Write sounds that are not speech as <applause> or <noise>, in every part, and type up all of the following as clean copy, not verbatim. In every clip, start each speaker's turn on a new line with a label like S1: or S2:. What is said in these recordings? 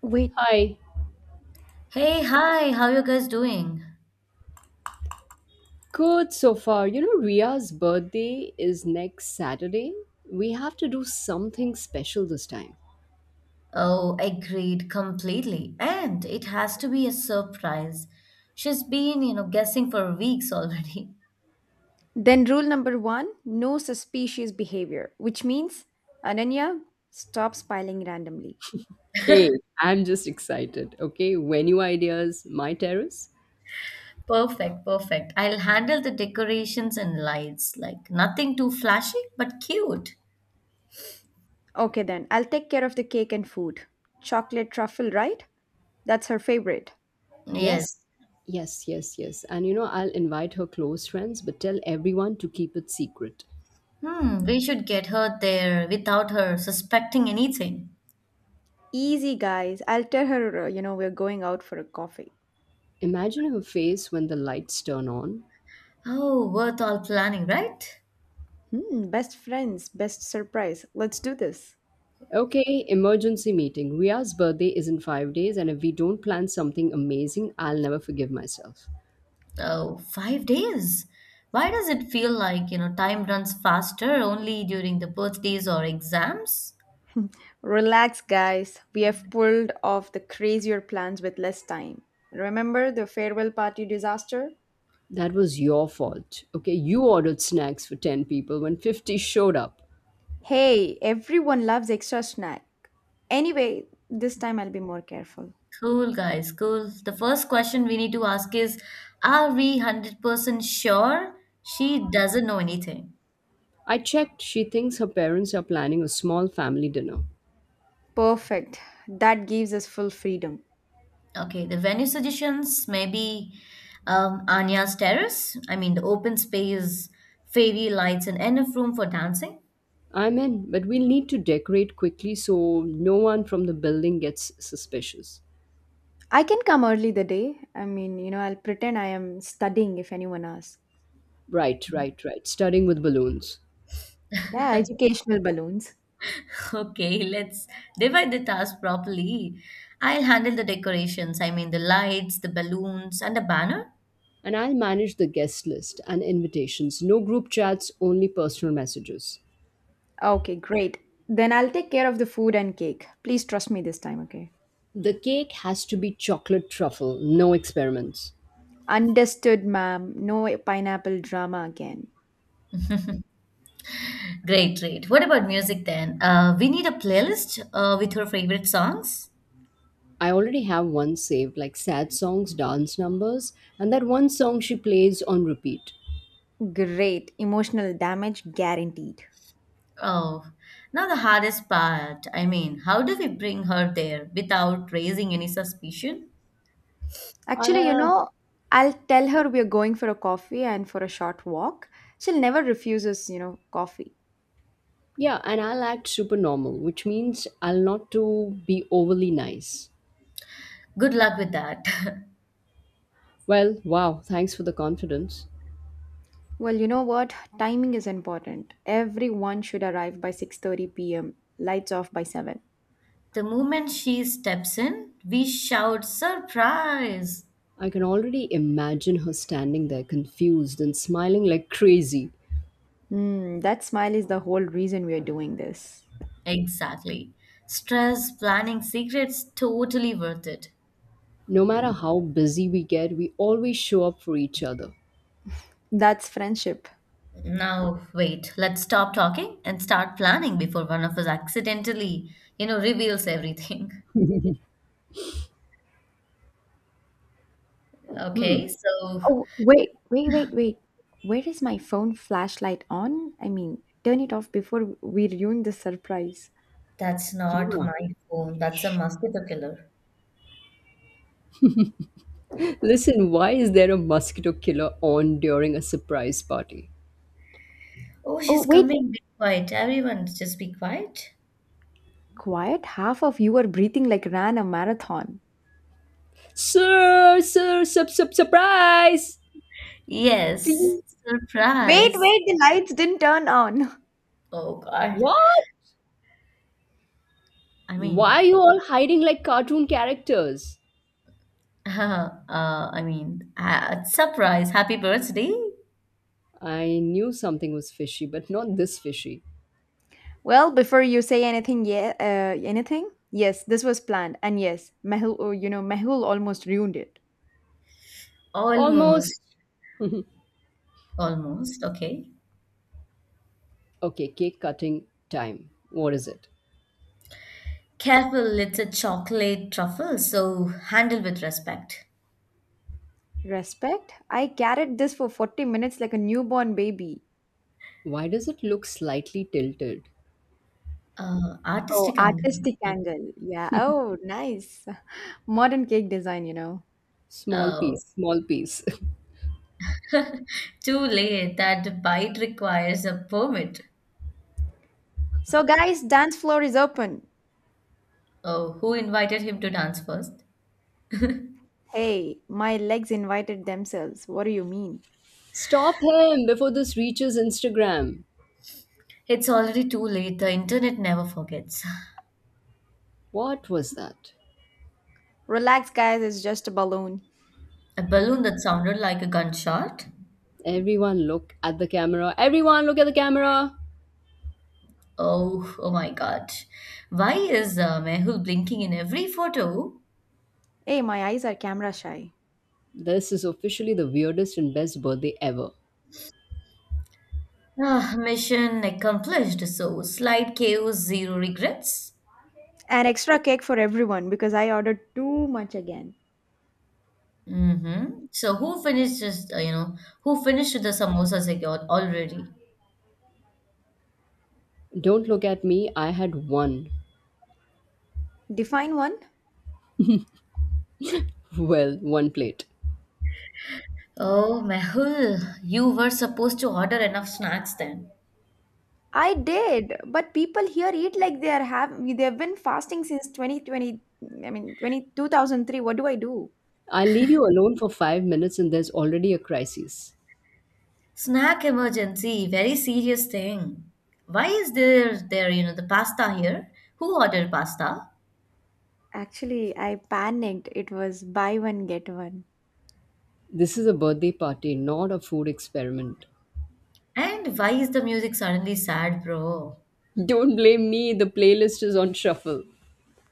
S1: Wait,
S2: Hi.
S3: Hey, hi, how you guys doing?
S2: Good so far. You know, Ria's birthday is next Saturday. We have to do something special this time.
S3: Oh, agreed completely. And it has to be a surprise. She's been, guessing for weeks already.
S1: then rule number one no suspicious behavior, which means Ananya, stop smiling randomly.
S2: Hey, I'm just excited. Okay, venue ideas, my terrace?
S3: <laughs> Perfect, perfect. I'll handle the decorations and lights. Like nothing too flashy, but cute.
S1: Okay, then I'll take care of the cake and food. Chocolate truffle, right? That's her favorite.
S3: Yes.
S2: Yes, yes, yes, yes. And you know, I'll invite her close friends, but tell everyone to keep it secret.
S3: Hmm, we should get her there without her suspecting anything.
S1: Easy, guys. I'll tell her, we're going out for a coffee.
S2: Imagine her face when the lights turn on.
S3: Oh, worth all planning, right?
S1: Hmm, best friends, best surprise. Let's do this.
S2: Okay, emergency meeting. Ria's birthday is in five days, and if we don't plan something amazing, I'll never forgive myself.
S3: Oh, 5 days. Why does it feel like, time runs faster only during the birthdays or exams?
S1: Relax, guys. We have pulled off the crazier plans with less time. Remember the farewell party disaster?
S2: That was your fault. Okay, you ordered snacks for 10 people when 50 showed up.
S1: Hey, everyone loves extra snack. Anyway, this time I'll be more careful.
S3: Cool, guys, cool. The first question we need to ask is, are we 100% sure she doesn't know anything?
S2: I checked. She thinks her parents are planning a small family dinner.
S1: Perfect. That gives us full freedom.
S3: Okay, the venue suggestions maybe Anya's terrace. I mean, the open space, fairy lights, and enough room for dancing.
S2: I'm in, but we'll need to decorate quickly so no one from the building gets suspicious.
S1: I can come early the day. I mean, I'll pretend I am studying if anyone asks.
S2: Right, right, right. Starting with balloons.
S1: Yeah, educational balloons.
S3: Okay, <laughs> let's divide the task properly. I'll handle the decorations, I mean the lights, the balloons, and the banner.
S2: And I'll manage the guest list and invitations. No group chats, only personal messages.
S1: Okay, great. Then I'll take care of the food and cake. Please trust me this time, okay?
S2: The cake has to be chocolate truffle, no experiments.
S1: Understood, ma'am. No pineapple drama again.
S3: Great, great. What about music then? We need a playlist with her favorite songs.
S2: I already have one saved, like sad songs, dance numbers, and that one song she plays on repeat.
S1: Great. Emotional damage guaranteed.
S3: Oh, now the hardest part. I mean, how do we bring her there without raising any suspicion?
S1: Actually,
S2: Uh,
S1: I'll tell her we're going for a coffee and for a short walk. She'll never refuse us, coffee.
S2: yeah, and I'll act super normal, which means I'll not to be overly nice.
S3: Good luck with that.
S2: Well, wow, thanks for the confidence.
S1: Well, you know what? Timing is important. Everyone should arrive by 6:30 p.m. Lights off by 7.
S3: <laughs> The moment she steps in, we shout, surprise!
S2: I can already imagine her standing there confused and smiling like crazy.
S1: Hmm, that smile is the whole reason we are doing this.
S3: Exactly. Stress, planning secrets, totally worth it.
S2: No matter how busy we get, we always show up for each other.
S1: That's friendship.
S3: Now, wait, let's stop talking and start planning before one of us accidentally, reveals everything. <laughs>
S2: Hmm.
S3: Okay, so
S1: Oh, wait, wait, wait, wait. Where is my phone flashlight on? I mean, turn it off before we ruin the surprise.
S3: that's not
S2: Yeah.
S3: my phone. That's a mosquito killer.
S2: Listen, why is there a mosquito killer on during a surprise party?
S3: Oh,
S1: Oh,
S3: she's
S1: wait.
S3: coming. Be quiet. Everyone, just be quiet.
S1: Quiet. Half of you are breathing like ran a marathon.
S2: Surprise!
S3: Yes,
S1: See? Wait,
S3: surprise.
S1: wait, the lights didn't turn on. <laughs>
S3: Oh, God.
S2: What?
S3: I
S2: Why
S3: mean,
S2: you all hiding like cartoon characters?
S3: <laughs> I mean, surprise. Happy birthday.
S2: I knew something was fishy, but not this fishy.
S1: Well, before you say anything, yeah, anything? Yes, this was planned. And yes, Mehul, oh, Mehul almost ruined it.
S2: Almost.
S3: Almost,
S2: <laughs>
S3: almost. Okay.
S2: Okay, cake cutting time. What is it?
S3: Careful, it's a chocolate truffle, so handle with respect.
S1: Respect? I carried this for 40 minutes like a newborn baby.
S2: Why does it look slightly tilted?
S1: Oh,
S3: Artistic angle.
S1: artistic angle. Yeah. Oh, nice. Modern cake design.
S2: Small
S3: Oh,
S2: piece, small piece.
S3: <laughs> too late. That bite requires a permit.
S1: So, guys, dance floor is open.
S3: Oh, who invited him to dance first? <laughs>
S1: Hey, my legs invited themselves. What do you mean?
S2: <laughs> Stop him before this reaches Instagram.
S3: It's already too late. The internet never forgets.
S2: What was that?
S1: Relax, guys, it's just a balloon.
S3: A balloon that sounded like a gunshot.
S2: Everyone look at the camera. Everyone look at the camera.
S3: Oh, oh my God. Why is Mehul blinking in every photo?
S1: Hey, my eyes are camera shy.
S2: This is officially the weirdest and best birthday ever.
S3: Ah, mission accomplished. So, slide chaos, zero regrets.
S1: An extra cake for everyone because I ordered too much again.
S3: Mm-hmm. So who finished just who finished the samosa secured already?
S2: Don't look at me, I had one.
S1: Define one?
S2: Well, one plate.
S3: Oh Mehul, you were supposed to order enough snacks then.
S1: I did, but people here eat like they are have they've been fasting since 2020, I mean 20 2003. What do I do?
S2: I leave you alone for five minutes and there's already a crisis.
S3: Snack emergency, very serious thing. Why is there the pasta here? Who ordered pasta?
S1: Actually, I panicked. It was buy one get one.
S2: This is a birthday party, not a food experiment.
S3: And why is the music suddenly sad, bro?
S2: Don't blame me, the playlist is on shuffle.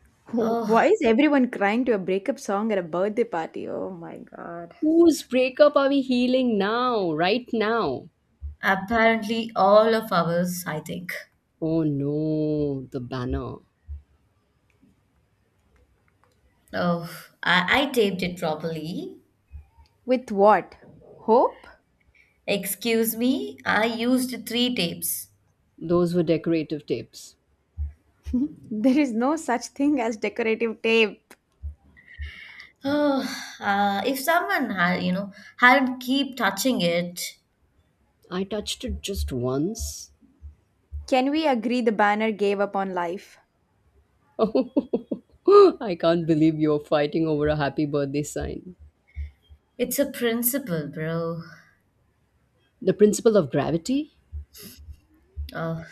S1: <laughs>
S3: Oh,
S1: Why is everyone crying to a breakup song at a birthday party? Oh my god.
S2: Whose breakup are we healing now, right now?
S3: apparently all of ours, I think.
S2: Oh no, the banner.
S3: Oh, I taped it properly.
S1: With what? Hope?
S3: Excuse me, I used three tapes.
S2: Those were decorative tapes.
S1: <laughs> There is no such thing as decorative tape.
S3: <sighs> Oh, if someone had, had keep touching it,
S2: I touched it just once.
S1: Can we agree the banner gave up on life?
S2: <laughs> I can't believe you're fighting over a happy birthday sign.
S3: it's a principle, bro.
S2: The principle of gravity?
S3: Oh,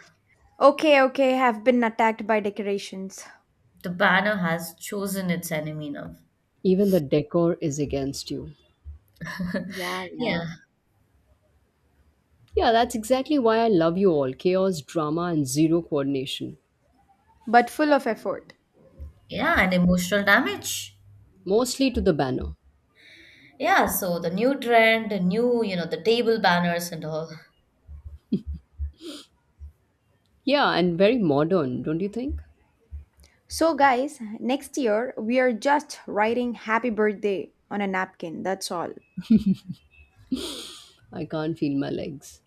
S1: Okay, okay, have been attacked by decorations.
S3: the banner has chosen its enemy now.
S2: Even the decor is against you.
S3: <laughs>
S1: Yeah,
S3: Yeah,
S1: yeah,
S2: Yeah, that's exactly why I love you all chaos, drama, and zero coordination.
S1: but full of effort.
S3: yeah, and emotional damage.
S2: Mostly to the banner.
S3: Yeah, so the new trend, the new, the table banners and all.
S2: Yeah, and very modern, don't you think?
S1: So, guys, next year we are just writing happy birthday on a napkin. That's all.
S2: I can't feel my legs.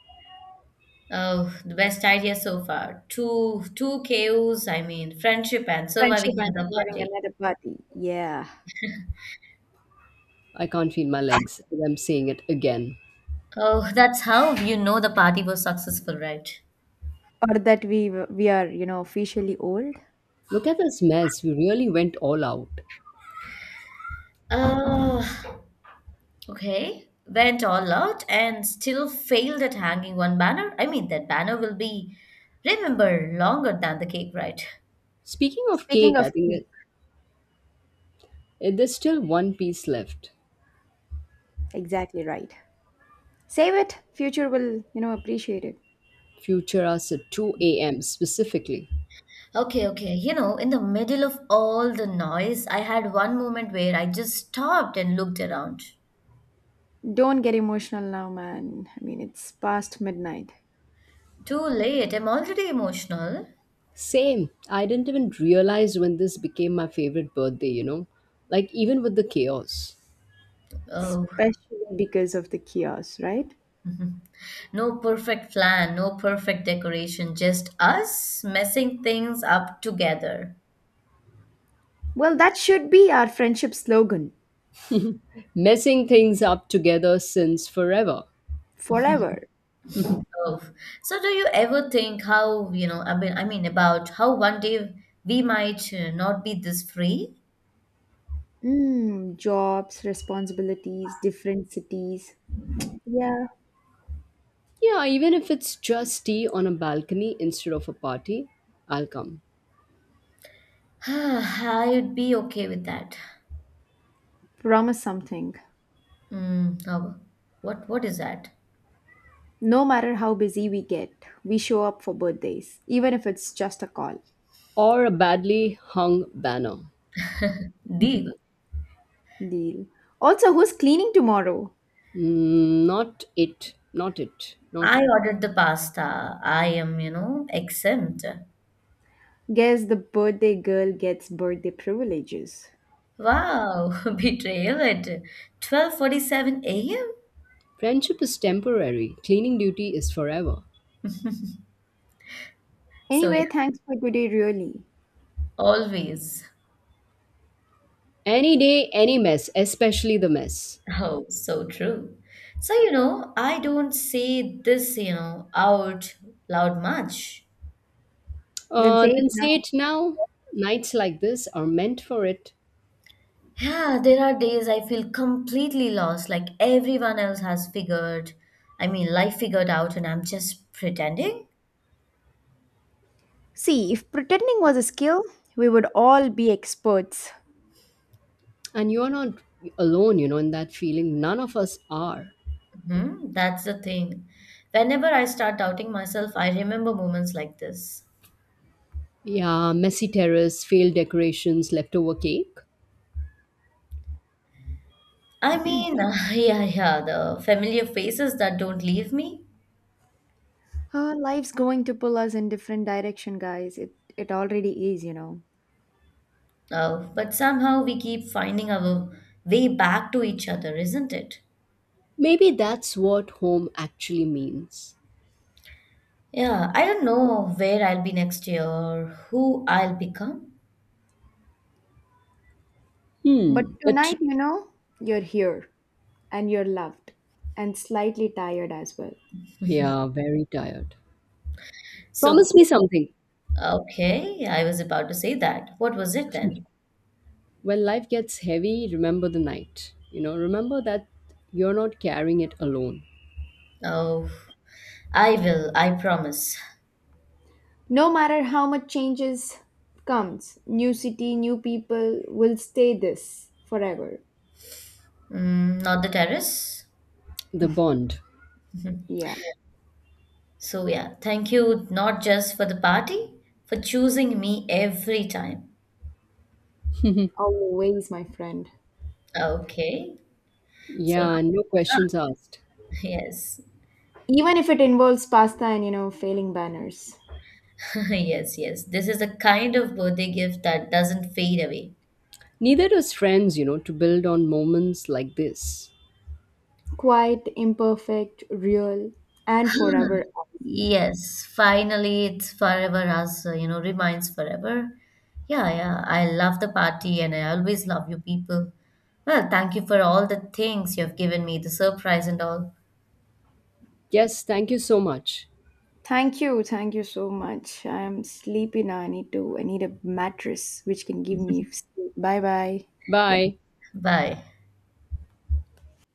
S3: Oh, the best idea so far. Two KOs. I mean, friendship and
S1: Friendship
S3: surviving
S1: and
S3: another
S1: surviving
S3: party.
S1: another party. Yeah.
S2: I can't feel my legs. I'm saying it again.
S3: Oh, that's how you know the party was successful, right?
S1: Or that we are, officially old.
S2: Look at this mess. We really went all out.
S3: Oh. Okay, went all out and still failed at hanging one banner. I mean, that banner will be remembered longer than the cake, right?
S2: Speaking of
S1: Speaking
S2: cake, I
S1: of
S2: think
S1: cake,
S2: it, it- there's still one piece left.
S1: exactly right. Save it. Future will, appreciate it.
S2: Futuras at 2 a.m. specifically.
S3: Okay, okay. You know, in the middle of all the noise, I had one moment where I just stopped and looked around.
S1: Don't get emotional now, man. I mean, it's past midnight,
S3: Too late. I'm already emotional.
S2: Same. I didn't even realize when this became my favorite birthday, you know? Like, even with the chaos.
S3: Oh,
S1: especially because of the chaos, right?
S3: <laughs> no perfect plan, no perfect decoration, just us messing things up together.
S1: Well, that should be our friendship slogan
S2: Messing things up together since forever.
S1: forever.
S2: <laughs>
S3: Of. So do you ever think how, you know, I mean about how one day we might not be this free?
S1: Mm, jobs, responsibilities, different cities. Yeah.
S2: Yeah, even if it's just tea on a balcony instead of a party, I'll come.
S3: <sighs> I'd be okay with that.
S1: Promise something.
S3: Mm, now, what is that?
S1: No matter how busy we get, we show up for birthdays, even if it's just a call.
S2: Or a badly hung banner.
S3: Deal.
S1: Deal. Also, who's cleaning tomorrow?
S2: Mm, not it, not it, not
S3: I
S2: it.
S3: ordered the pasta. I am, exempt.
S1: Guess the birthday girl gets birthday privileges.
S3: Wow, <laughs> betrayal at 12:47 a.m.
S2: Friendship is temporary, cleaning duty is forever.
S3: <laughs> So yeah,
S1: Anyway, thanks for today, really.
S3: always.
S2: Any day, any mess, especially the mess.
S3: Oh, so true. So, I don't say this, out loud much.
S1: Then say it
S2: Then
S1: now.
S2: say it now. Nights like this are meant for it.
S3: Yeah, there are days I feel completely lost, like everyone else has figured, I mean, life figured out, and I'm just pretending.
S1: See, if pretending was a skill, we would all be experts.
S2: And you're not alone, you know, in that feeling. None of us are.
S3: Hmm, that's the thing. Whenever I start doubting myself, I remember moments like this.
S2: Yeah, messy terrace, failed decorations, leftover cake.
S3: I mean, <laughs> yeah, yeah, the familiar faces that don't leave me.
S1: Life's going to pull us in different direction, guys. It already is.
S3: Oh, but somehow we keep finding our way back to each other, isn't it?
S2: Maybe that's what home actually means.
S3: Yeah, I don't know where I'll be next year or who I'll become.
S1: But
S2: Hmm, but
S1: tonight, you're here and you're loved and slightly tired as well.
S2: yeah, very tired.
S3: So,
S2: Promise me something.
S3: okay, I was about to say that. What was it then?
S2: When life gets heavy, remember the night. You know, remember that you're not carrying it alone.
S3: Oh, I will, I promise.
S1: No matter how much changes comes, new city, new people will stay this forever.
S3: Mm, not the terrace.
S2: The bond.
S3: Mhm.
S1: Yeah,
S3: So, yeah, thank you not just for the party, for choosing me every time.
S2: <laughs>
S1: always, my friend.
S3: Okay, so now
S2: Yeah, and no
S3: it's up.
S2: questions asked.
S3: Yes,
S1: Even if it involves pasta and, failing banners.
S3: <laughs> yes, yes. This is the kind of birthday gift that doesn't fade away.
S2: Neither does friends, you know, to build on moments like this.
S1: Quite imperfect, real, and forever.
S3: Yes, finally, it's forever us, remains forever. Yeah, yeah, I love the party and I always love you people. Well, thank you for all the things you have given me, the surprise and all.
S2: Yes, thank you so much.
S1: Thank you so much. I'm sleepy now. I need to. I need a mattress which can give me sleep. Bye bye.
S3: Yeah,
S2: Bye.
S3: bye.